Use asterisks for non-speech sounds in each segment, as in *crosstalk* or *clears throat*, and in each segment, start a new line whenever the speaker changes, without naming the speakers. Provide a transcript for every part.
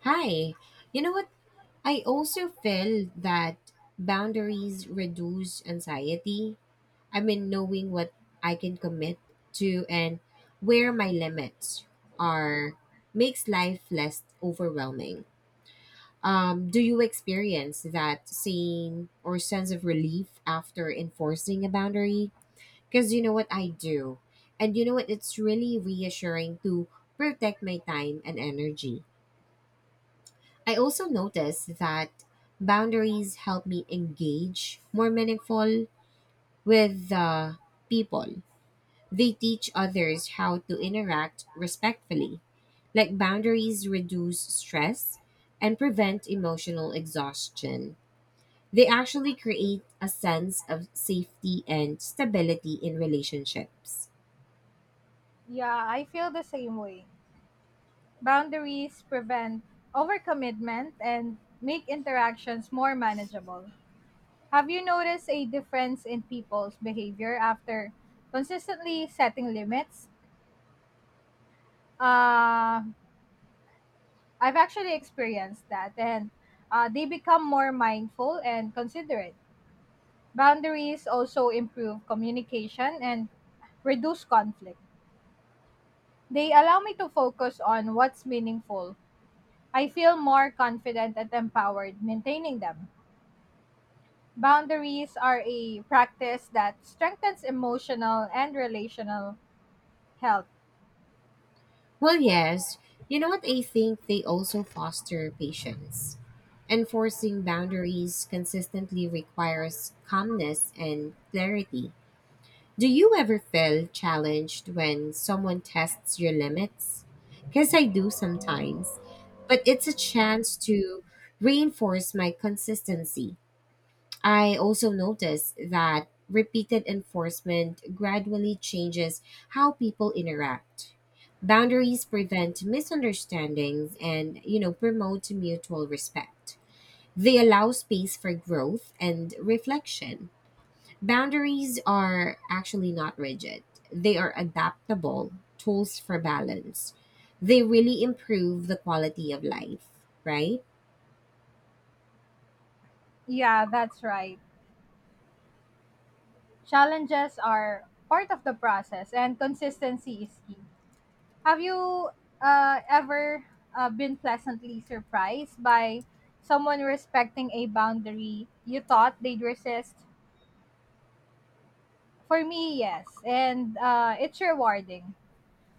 Hi. You know what? I also feel that boundaries reduce anxiety. I mean, knowing what I can commit to and where my limits are makes life less overwhelming. Do you experience that same or sense of relief after enforcing a boundary? Because you know what, I do. And you know what? It's really reassuring to protect my time and energy. I also noticed that boundaries help me engage more meaningful with the people. They teach others how to interact respectfully. Like boundaries reduce stress and prevent emotional exhaustion. They actually create a sense of safety and stability in relationships.
Yeah, I feel the same way. Boundaries prevent overcommitment and make interactions more manageable. Have you noticed a difference in people's behavior after consistently setting limits? Uh, I've actually experienced that, and they become more mindful and considerate. Boundaries also improve communication and reduce conflict. They allow me to focus on what's meaningful. I feel more confident and empowered maintaining them. Boundaries are a practice that strengthens emotional and relational health.
Well, yes. You know what? I think they also foster patience. Enforcing boundaries consistently requires calmness and clarity. Do you ever feel challenged when someone tests your limits? Because I do sometimes, but it's a chance to reinforce my consistency. I also noticed that repeated enforcement gradually changes how people interact. Boundaries prevent misunderstandings and, you know, promote mutual respect. They allow space for growth and reflection. Boundaries are actually not rigid. They are adaptable tools for balance. They really improve the quality of life, right?
Yeah, that's right. Challenges are part of the process, and consistency is key. Have you ever been pleasantly surprised by someone respecting a boundary you thought they'd resist? For me, yes, and it's rewarding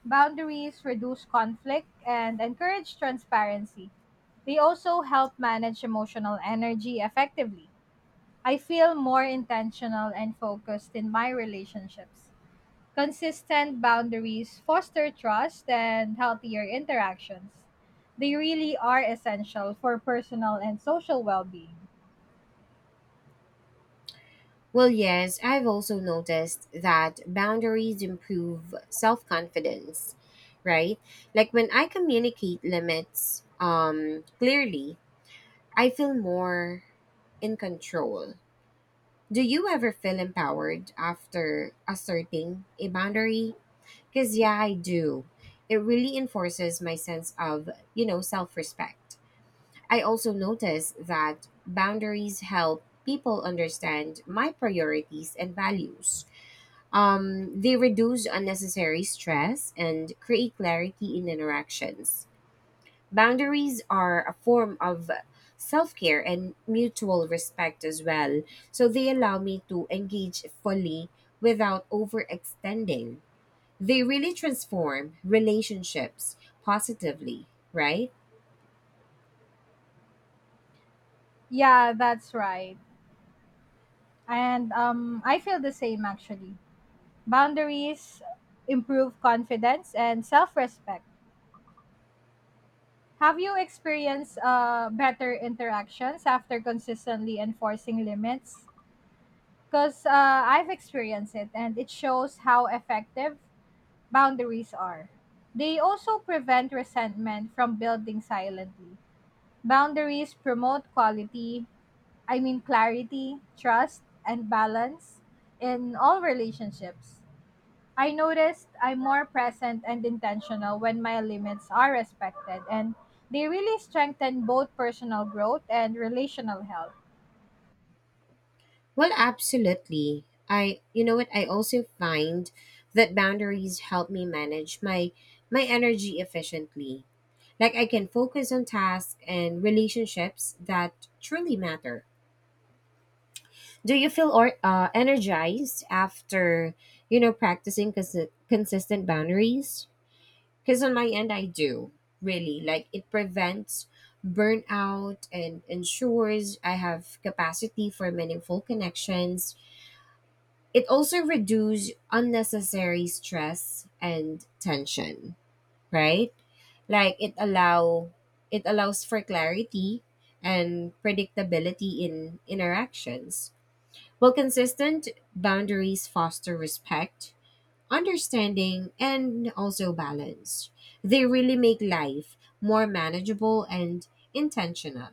Boundaries reduce conflict and encourage transparency. They also help manage emotional energy effectively. I feel more intentional and focused in my relationships. Consistent boundaries foster trust and healthier interactions. They really are essential for personal and social well being.
Well, yes, I've also noticed that boundaries improve self confidence, right? Like when I communicate limits clearly, I feel more in control. Do you ever feel empowered after asserting a boundary? Because, yeah, I do. It really enforces my sense of, you know, self respect. I also notice that boundaries help people understand my priorities and values. They reduce unnecessary stress and create clarity in interactions. Boundaries are a form of self care and mutual respect as well. So they allow me to engage fully without overextending. They really transform relationships positively, right?
Yeah, that's right. And I feel the same actually. Boundaries improve confidence and self respect. Have you experienced better interactions after consistently enforcing limits? Because I've experienced it, and it shows how effective boundaries are. They also prevent resentment from building silently. Boundaries promote clarity, trust, and balance in all relationships. I noticed I'm more present and intentional when my limits are respected, and they really strengthen both personal growth and relational health.
Well, absolutely. I, you know what, I also find that boundaries help me manage my energy efficiently. Like I can focus on tasks and relationships that truly matter. Do you feel or energized after, you know, practicing consistent boundaries? Because on my end, I do. Really, like it prevents burnout and ensures I have capacity for meaningful connections. It also reduces unnecessary stress and tension, right? like it allow it allows for clarity and predictability in interactions, while consistent boundaries foster respect, understanding, and also balance. They really make life more manageable and intentional.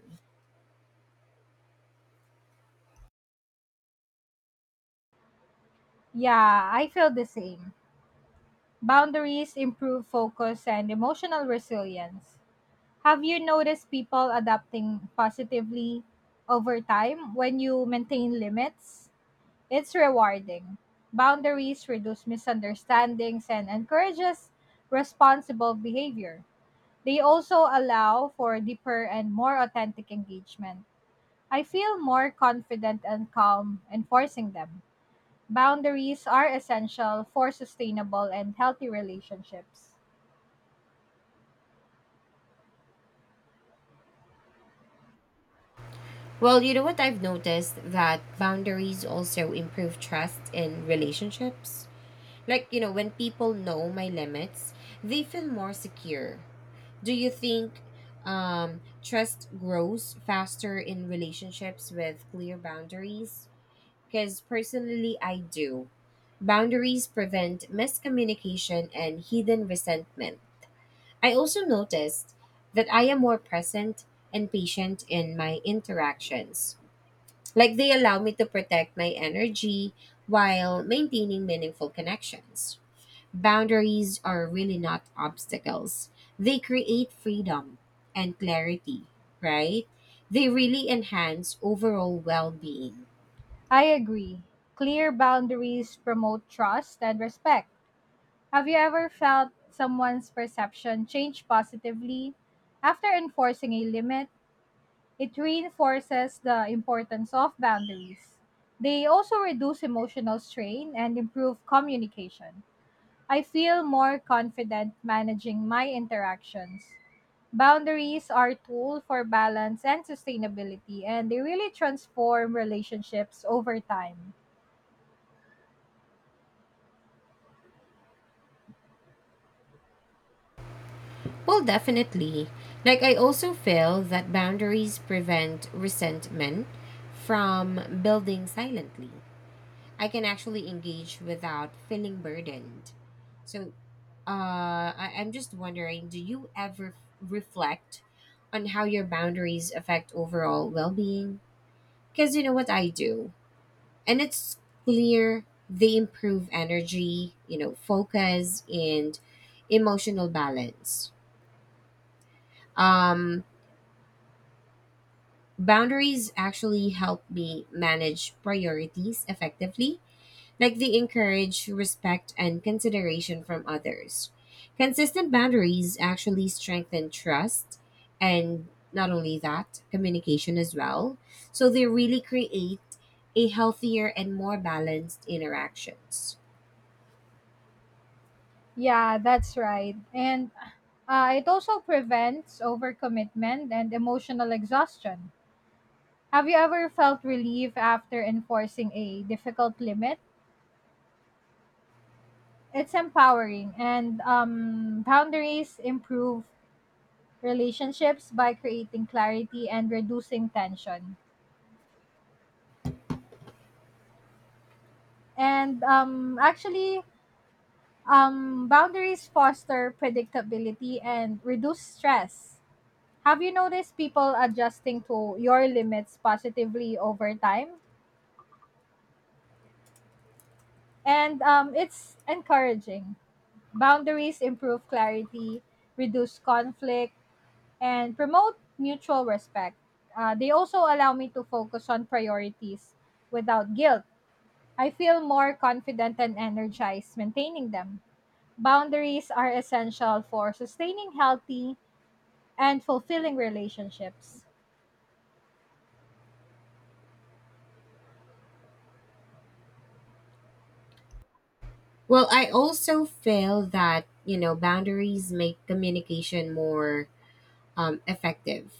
Yeah, I feel the same. Boundaries improve focus and emotional resilience. Have you noticed people adapting positively over time when you maintain limits? It's rewarding. Boundaries reduce misunderstandings and encourages responsible behavior. They also allow for deeper and more authentic engagement. I feel more confident and calm enforcing them. Boundaries are essential for sustainable and healthy relationships.
Well, you know what? I've noticed that boundaries also improve trust in relationships. Like, you know, when people know my limits, they feel more secure. Do you think trust grows faster in relationships with clear boundaries? Because personally, I do. Boundaries prevent miscommunication and hidden resentment. I also noticed that I am more present and patient in my interactions. Like they allow me to protect my energy while maintaining meaningful connections. Boundaries are really not obstacles. They create freedom and clarity, right? They really enhance overall well being.
I agree. Clear boundaries promote trust and respect. Have you ever felt someone's perception change positively after enforcing a limit? It reinforces the importance of boundaries. They also reduce emotional strain and improve communication. I feel more confident managing my interactions. Boundaries are a tool for balance and sustainability, and they really transform relationships over time.
Well, definitely. Like, I also feel that boundaries prevent resentment from building silently. I can actually engage without feeling burdened. So, I'm just wondering, do you ever reflect on how your boundaries affect overall well being? Because you know what, I do. And it's clear they improve energy, you know, focus, and emotional balance. Um, Boundaries actually help me manage priorities effectively. Like they encourage respect and consideration from others. Consistent boundaries actually strengthen trust, and not only that, communication as well. So they really create a healthier and more balanced interactions.
Yeah, that's right. And it also prevents overcommitment and emotional exhaustion. Have you ever felt relief after enforcing a difficult limit? It's empowering, and boundaries improve relationships by creating clarity and reducing tension. And actually boundaries foster predictability and reduce stress. Have you noticed people adjusting to your limits positively over time? And it's encouraging. Boundaries improve clarity, reduce conflict, and promote mutual respect. They also allow me to focus on priorities without guilt. I feel more confident and energized maintaining them. Boundaries are essential for sustaining healthy and fulfilling relationships.
Well, I also feel that, you know, boundaries make communication more effective.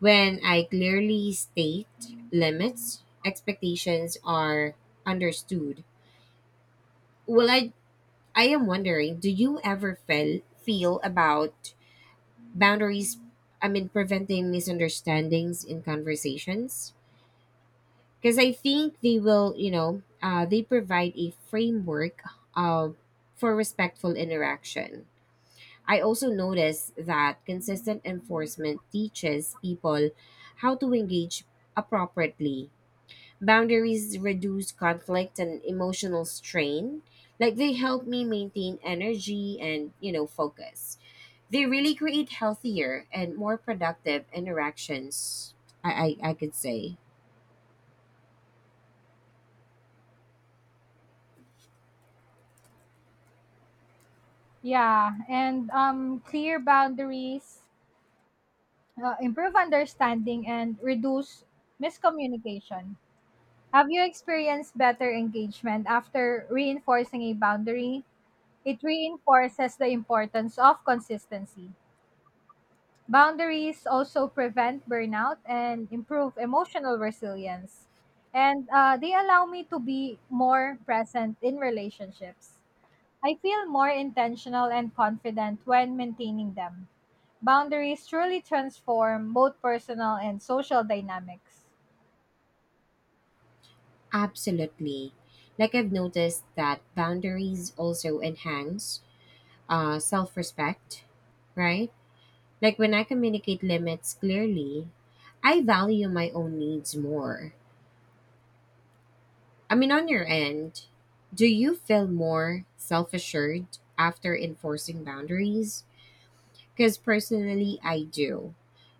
When I clearly state limits, expectations are understood. Well, I am wondering, do you ever feel about boundaries? I mean, preventing misunderstandings in conversations, because I think they will, you know, they provide a framework uh, for respectful interaction. I also notice that consistent enforcement teaches people how to engage appropriately. Boundaries reduce conflict and emotional strain. Like they help me maintain energy and, you know, focus. They really create healthier and more productive interactions, I could say.
Yeah, and clear boundaries improve understanding and reduce miscommunication. Have you experienced better engagement after reinforcing a boundary? It reinforces the importance of consistency. Boundaries also prevent burnout and improve emotional resilience. And they allow me to be more present in relationships. I feel more intentional and confident when maintaining them. Boundaries truly transform both personal and social dynamics.
Absolutely. Like I've noticed that boundaries also enhance self respect, right? Like when I communicate limits clearly, I value my own needs more. I mean, on your end, do you feel more self assured after enforcing boundaries? Because personally, I do.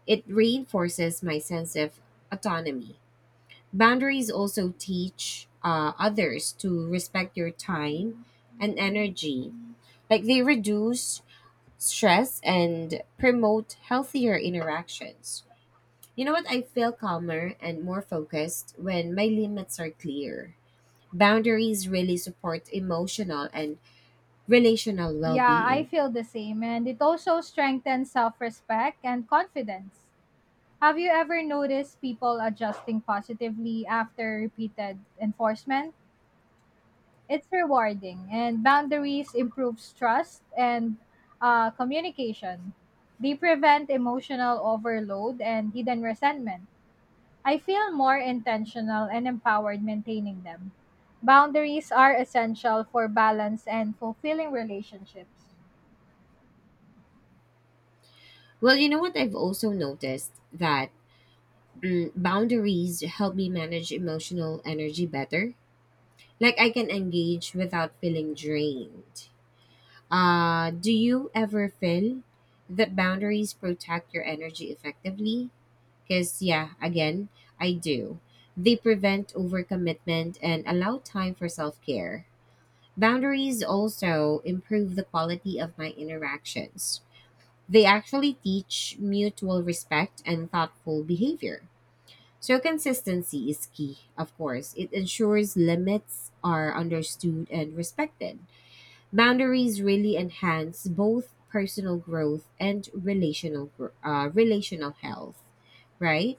It reinforces my sense of autonomy. Boundaries also teach others to respect your time and energy. Like they reduce stress and promote healthier interactions. You know what? I feel calmer and more focused when my limits are clear. Boundaries really support emotional and relational well
Yeah, I
being.
feel the same. And it also strengthens self respect and confidence. Have you ever noticed people adjusting positively after repeated enforcement? It's rewarding, and boundaries improves trust and communication. They prevent emotional overload and hidden resentment. I feel more intentional and empowered maintaining them. Boundaries are essential for balance and fulfilling relationships.
Well, you know what? I've also noticed that boundaries help me manage emotional energy better. Like, I can engage without feeling drained. Do you ever feel that boundaries protect your energy effectively? Because, yeah, again, I do. They prevent overcommitment and allow time for self care. Boundaries also improve the quality of my interactions. They actually teach mutual respect and thoughtful behavior. So, consistency is key, of course. It ensures limits are understood and respected. Boundaries really enhance both personal growth and relational health, right?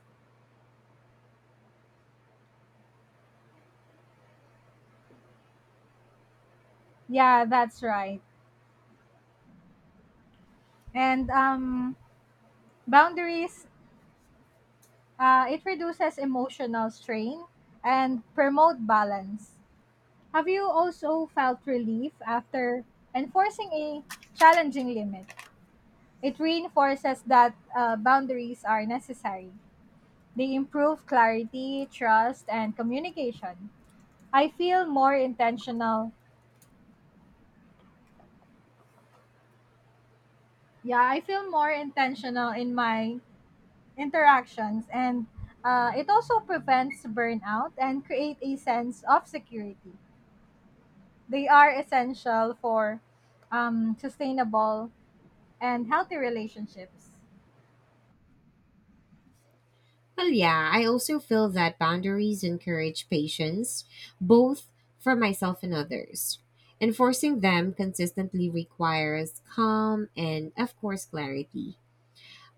Yeah, that's right. And boundaries, it reduces emotional strain and promote balance. Have you also felt relief after enforcing a challenging limit? It reinforces that boundaries are necessary. They improve clarity, trust, and communication. I feel more intentional. Yeah, I feel more intentional in my interactions, and it also prevents burnout and create a sense of security. They are essential for sustainable and healthy relationships.
Well, yeah, I also feel that boundaries encourage patience, both for myself and others. Enforcing them consistently requires calm and, of course, clarity.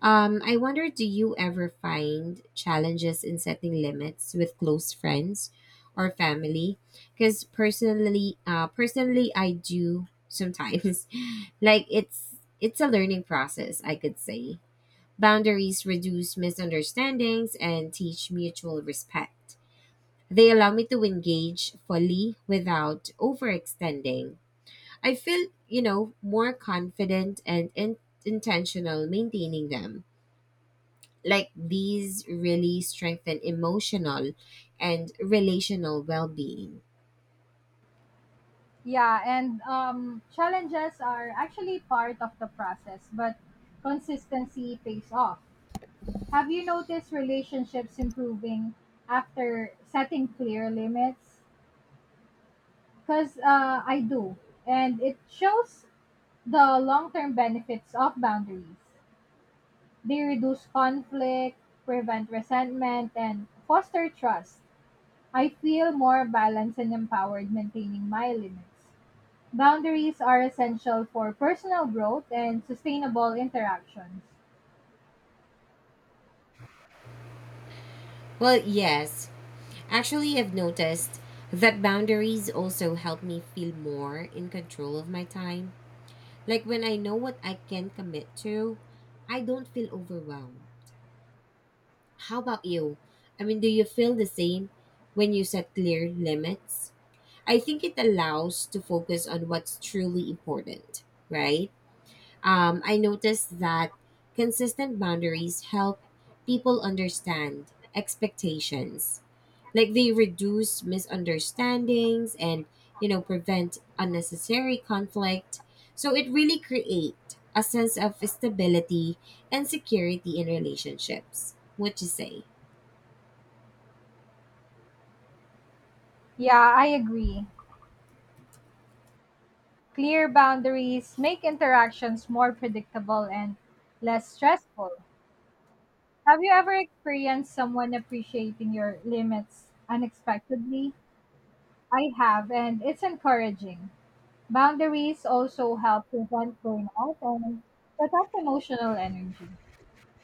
I wonder, do you ever find challenges in setting limits with close friends or family? Because personally, I do sometimes. *laughs* Like it's a learning process, I could say. Boundaries reduce misunderstandings and teach mutual respect. They allow me to engage fully without overextending. I feel, you know, more confident and intentional maintaining them. Like these really strengthen emotional and relational well being.
Yeah, and challenges are actually part of the process, but consistency pays off. Have you noticed relationships improving after setting clear limits? Because I do, and it shows the long term benefits of boundaries. They reduce conflict, prevent resentment, and foster trust. I feel more balanced and empowered maintaining my limits. Boundaries are essential for personal growth and sustainable interactions.
Well, yes, actually, I've noticed that boundaries also help me feel more in control of my time. Like when I know what I can commit to, I don't feel overwhelmed. How about you? I mean, do you feel the same when you set clear limits? I think it allows to focus on what's truly important, right? I noticed that consistent boundaries help people understand expectations. Like they reduce misunderstandings and, you know, prevent unnecessary conflict. So it really create a sense of stability and security in relationships. What you say?
Yeah, I agree. Clear boundaries make interactions more predictable and less stressful. Have you ever experienced someone appreciating your limits unexpectedly? I have, and it's encouraging. Boundaries also help prevent burnout and protect emotional energy.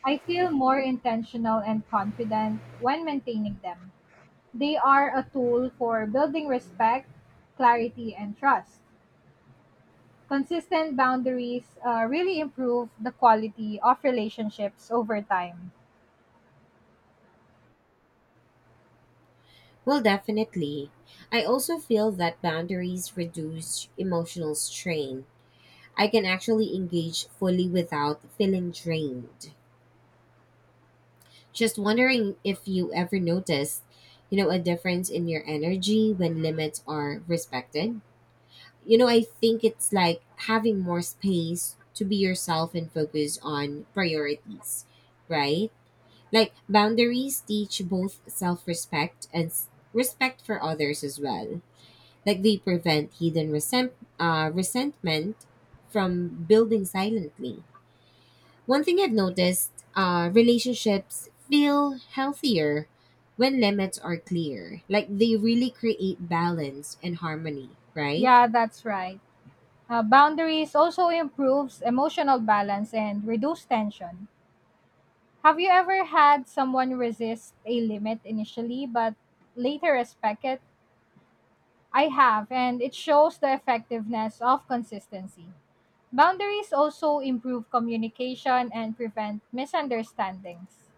I feel more intentional and confident when maintaining them. They are a tool for building respect, clarity, and trust. Consistent boundaries really improve the quality of relationships over time.
Well, definitely. I also feel that boundaries reduce emotional strain. I can actually engage fully without feeling drained. Just wondering if you ever noticed, you know, a difference in your energy when limits are respected. You know, I think it's like having more space to be yourself and focus on priorities, right? Like boundaries teach both self respect and respect for others as well. Like they prevent hidden resentment from building silently. One thing I've noticed, relationships feel healthier when limits are clear. Like they really create balance and harmony, right?
Yeah, that's right. Boundaries also improves emotional balance and reduce tension. Have you ever had someone resist a limit initially but later respect it? I have, and it shows the effectiveness of consistency. Boundaries also improve communication and prevent misunderstandings.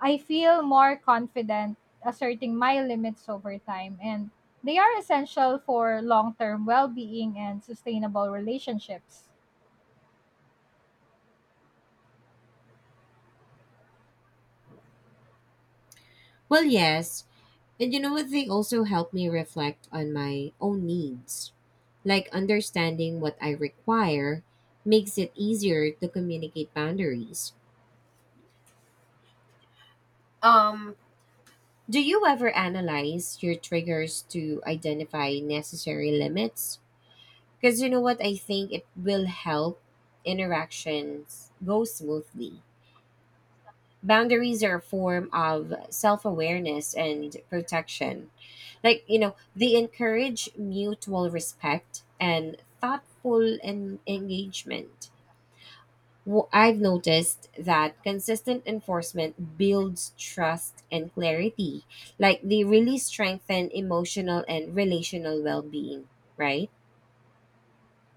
I feel more confident asserting my limits over time, and they are essential for long term well being and sustainable relationships.
Well, yes. And you know what? They also help me reflect on my own needs. Like understanding what I require makes it easier to communicate boundaries. Um, do you ever analyze your triggers to identify necessary limits? Because you know what? I think it will help interactions go smoothly. Boundaries are a form of self awareness and protection. Like, you know, they encourage mutual respect and thoughtful engagement. Well, I've noticed that consistent enforcement builds trust and clarity. Like, they really strengthen emotional and relational well being, right?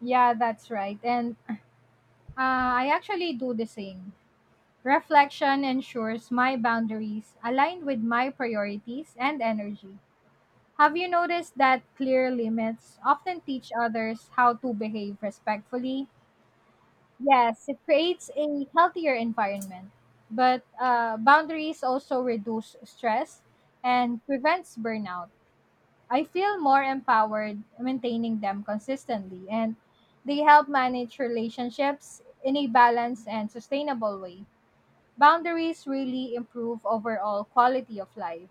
Yeah, that's right. And I actually do the same. Reflection ensures my boundaries align with my priorities and energy. Have you noticed that clear limits often teach others how to behave respectfully? Yes, it creates a healthier environment, but boundaries also reduce stress and prevents burnout. I feel more empowered maintaining them consistently, and they help manage relationships in a balanced and sustainable way. Boundaries really improve overall quality of life.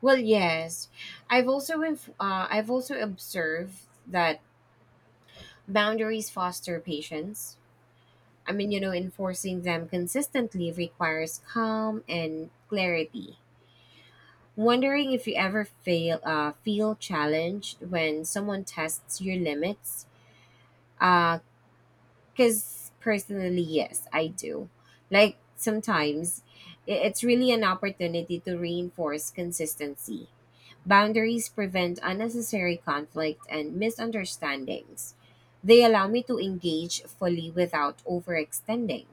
Well, yes. I've also I've also observed that boundaries foster patience. I mean, you know, enforcing them consistently requires calm and clarity. Wondering if you ever feel challenged when someone tests your limits. Because personally, yes, I do. Like sometimes it's really an opportunity to reinforce consistency. Boundaries prevent unnecessary conflict and misunderstandings. They allow me to engage fully without overextending.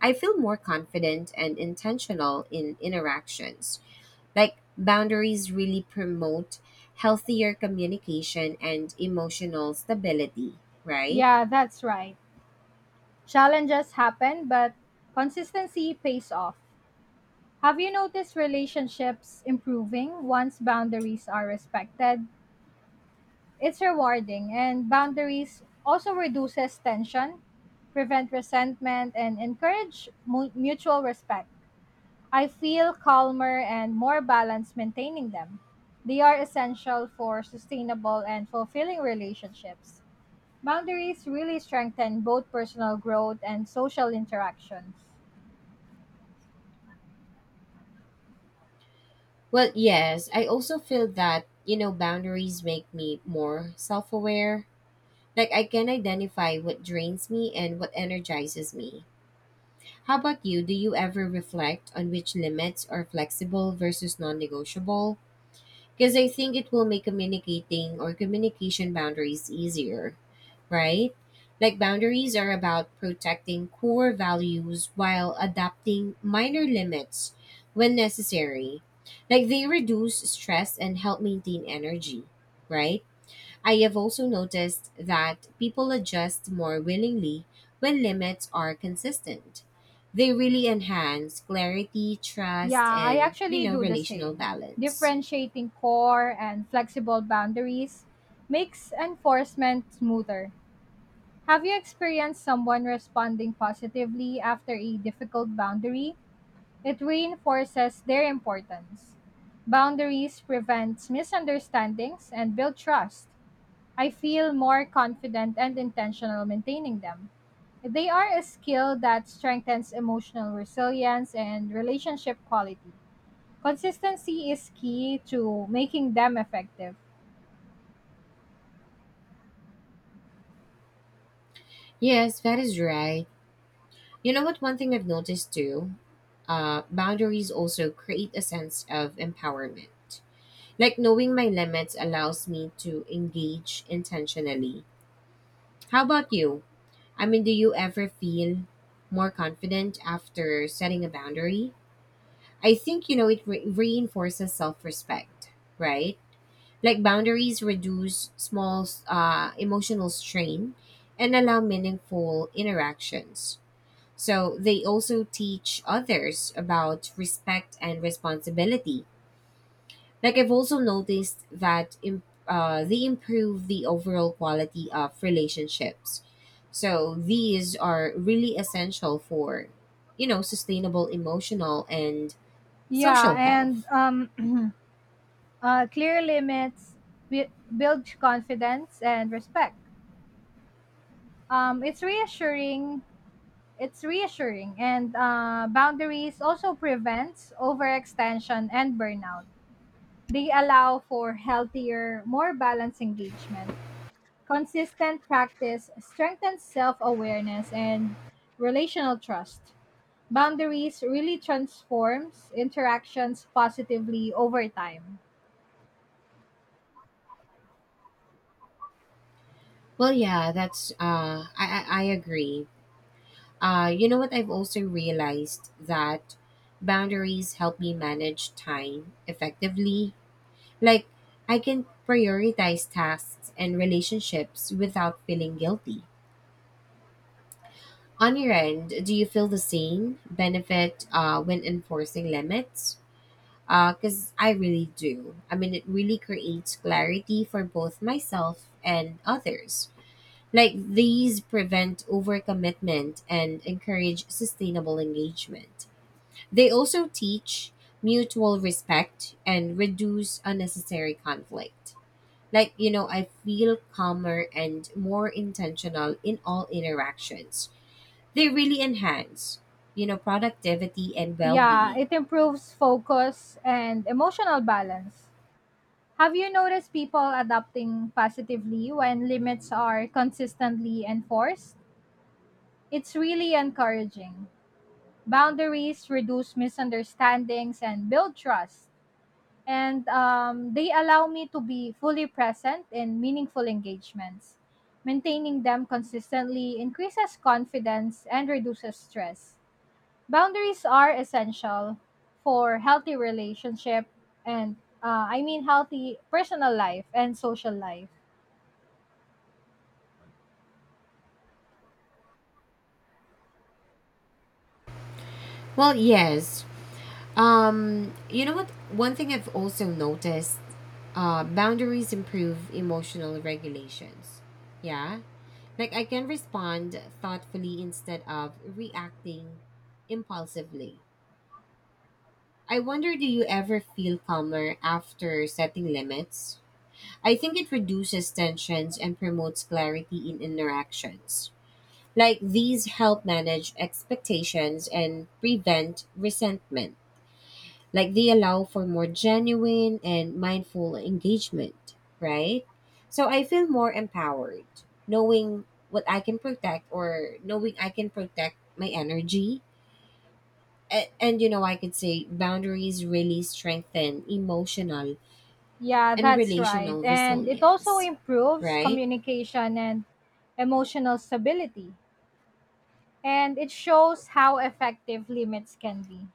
I feel more confident and intentional in interactions. Like boundaries really promote healthier communication and emotional stability, right?
Yeah, that's right. Challenges happen, but consistency pays off. Have you noticed relationships improving once boundaries are respected? It's rewarding, and boundaries also reduces tension, prevent resentment, and encourage mutual respect. I feel calmer and more balanced maintaining them. They are essential for sustainable and fulfilling relationships. Boundaries really strengthen both personal growth and social interactions.
Well, yes, I also feel that, you know, boundaries make me more self aware. Like, I can identify what drains me and what energizes me. How about you? Do you ever reflect on which limits are flexible versus non negotiable? Because I think it will make communicating or communication boundaries easier, right? Like boundaries are about protecting core values while adapting minor limits when necessary. Like they reduce stress and help maintain energy, right? I have also noticed that people adjust more willingly when limits are consistent. They really enhance clarity, trust,
Yeah, I
and, you
actually
know,
do the
relational
same.
balance.
Differentiating core and flexible boundaries makes enforcement smoother. Have you experienced someone responding positively after a difficult boundary? It reinforces their importance. Boundaries prevent misunderstandings and build trust. I feel more confident and intentional maintaining them. They are a skill that strengthens emotional resilience and relationship quality. Consistency is key to making them effective.
Yes, that is right. You know what? One thing I've noticed too, boundaries also create a sense of empowerment. Like knowing my limits allows me to engage intentionally. How about you? I mean, do you ever feel more confident after setting a boundary? I think, you know, it reinforces self respect, right? Like boundaries reduce small emotional strain and allow meaningful interactions. So they also teach others about respect and responsibility. Like I've also noticed that they improve the overall quality of relationships. So these are really essential for, you know, sustainable emotional and
Yeah,
social
and
health.
*clears throat* clear limits bu- build confidence and respect. Um, it's reassuring. It's reassuring, and boundaries also prevents overextension and burnout. They allow for healthier, more balanced engagement. Consistent practice strengthens self awareness and relational trust. Boundaries really transforms interactions positively over time.
Well, yeah, I agree. You know what? I've also realized that boundaries help me manage time effectively. Like, I can prioritize tasks and relationships without feeling guilty. On your end, do you feel the same benefit when enforcing limits? Because I really do. I mean, it really creates clarity for both myself and others. Like, these prevent overcommitment and encourage sustainable engagement. They also teach mutual respect and reduce unnecessary conflict. Like, you know, I feel calmer and more intentional in all interactions. They really enhance, you know, productivity and well
Yeah,
being.
it improves focus and emotional balance. Have you noticed people adapting positively when limits are consistently enforced? It's really encouraging. Boundaries reduce misunderstandings and build trust. And they allow me to be fully present in meaningful engagements. Maintaining them consistently increases confidence and reduces stress. Boundaries are essential for healthy relationship and I mean healthy personal life and social life.
Well, yes. You know what? One thing I've also noticed, boundaries improve emotional regulations. Yeah. Like, I can respond thoughtfully instead of reacting impulsively. I wonder, do you ever feel calmer after setting limits? I think it reduces tensions and promotes clarity in interactions. Like these help manage expectations and prevent resentment. Like they allow for more genuine and mindful engagement, right? So I feel more empowered knowing what I can protect, or knowing I can protect my energy. And you know, I could say boundaries really strengthen emotional
Yeah,
and
that's right.
relational
And it also
resilience,
improves
right?
communication and emotional stability, and it shows how effective limits can be.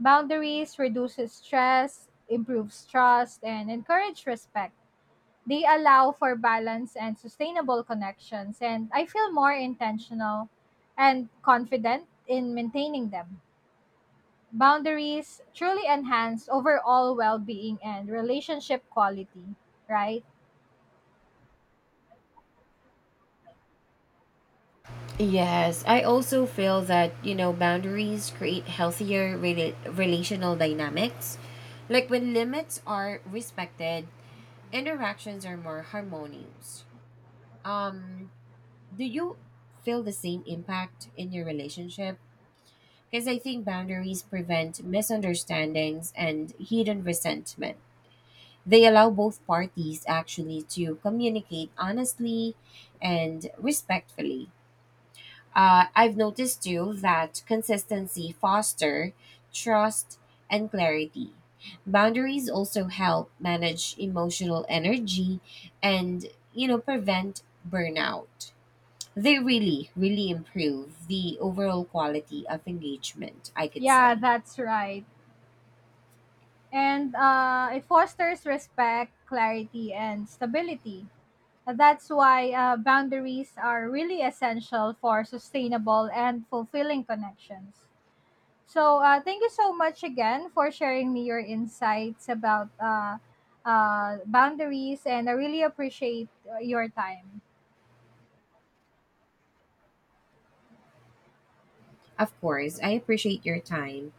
Boundaries reduces stress, improves trust, and encourage respect. They allow for balance and sustainable connections, and I feel more intentional and confident in maintaining them. Boundaries truly enhance overall well-being and relationship quality, right?
Yes, I also feel that, you know, boundaries create healthier relational dynamics. Like when limits are respected, interactions are more harmonious. Um, do you feel the same impact in your relationship? Because I think boundaries prevent misunderstandings and hidden resentment. They allow both parties actually to communicate honestly and respectfully. I've noticed too that consistency foster trust and clarity. Boundaries also help manage emotional energy and, you know, prevent burnout. They really, really improve the overall quality of engagement, I could
Yeah,
say.
that's right. And it fosters respect, clarity, and stability. That's why boundaries are really essential for sustainable and fulfilling connections. So, thank you so much again for sharing me your insights about boundaries, and I really appreciate your time.
Of course, I appreciate your time.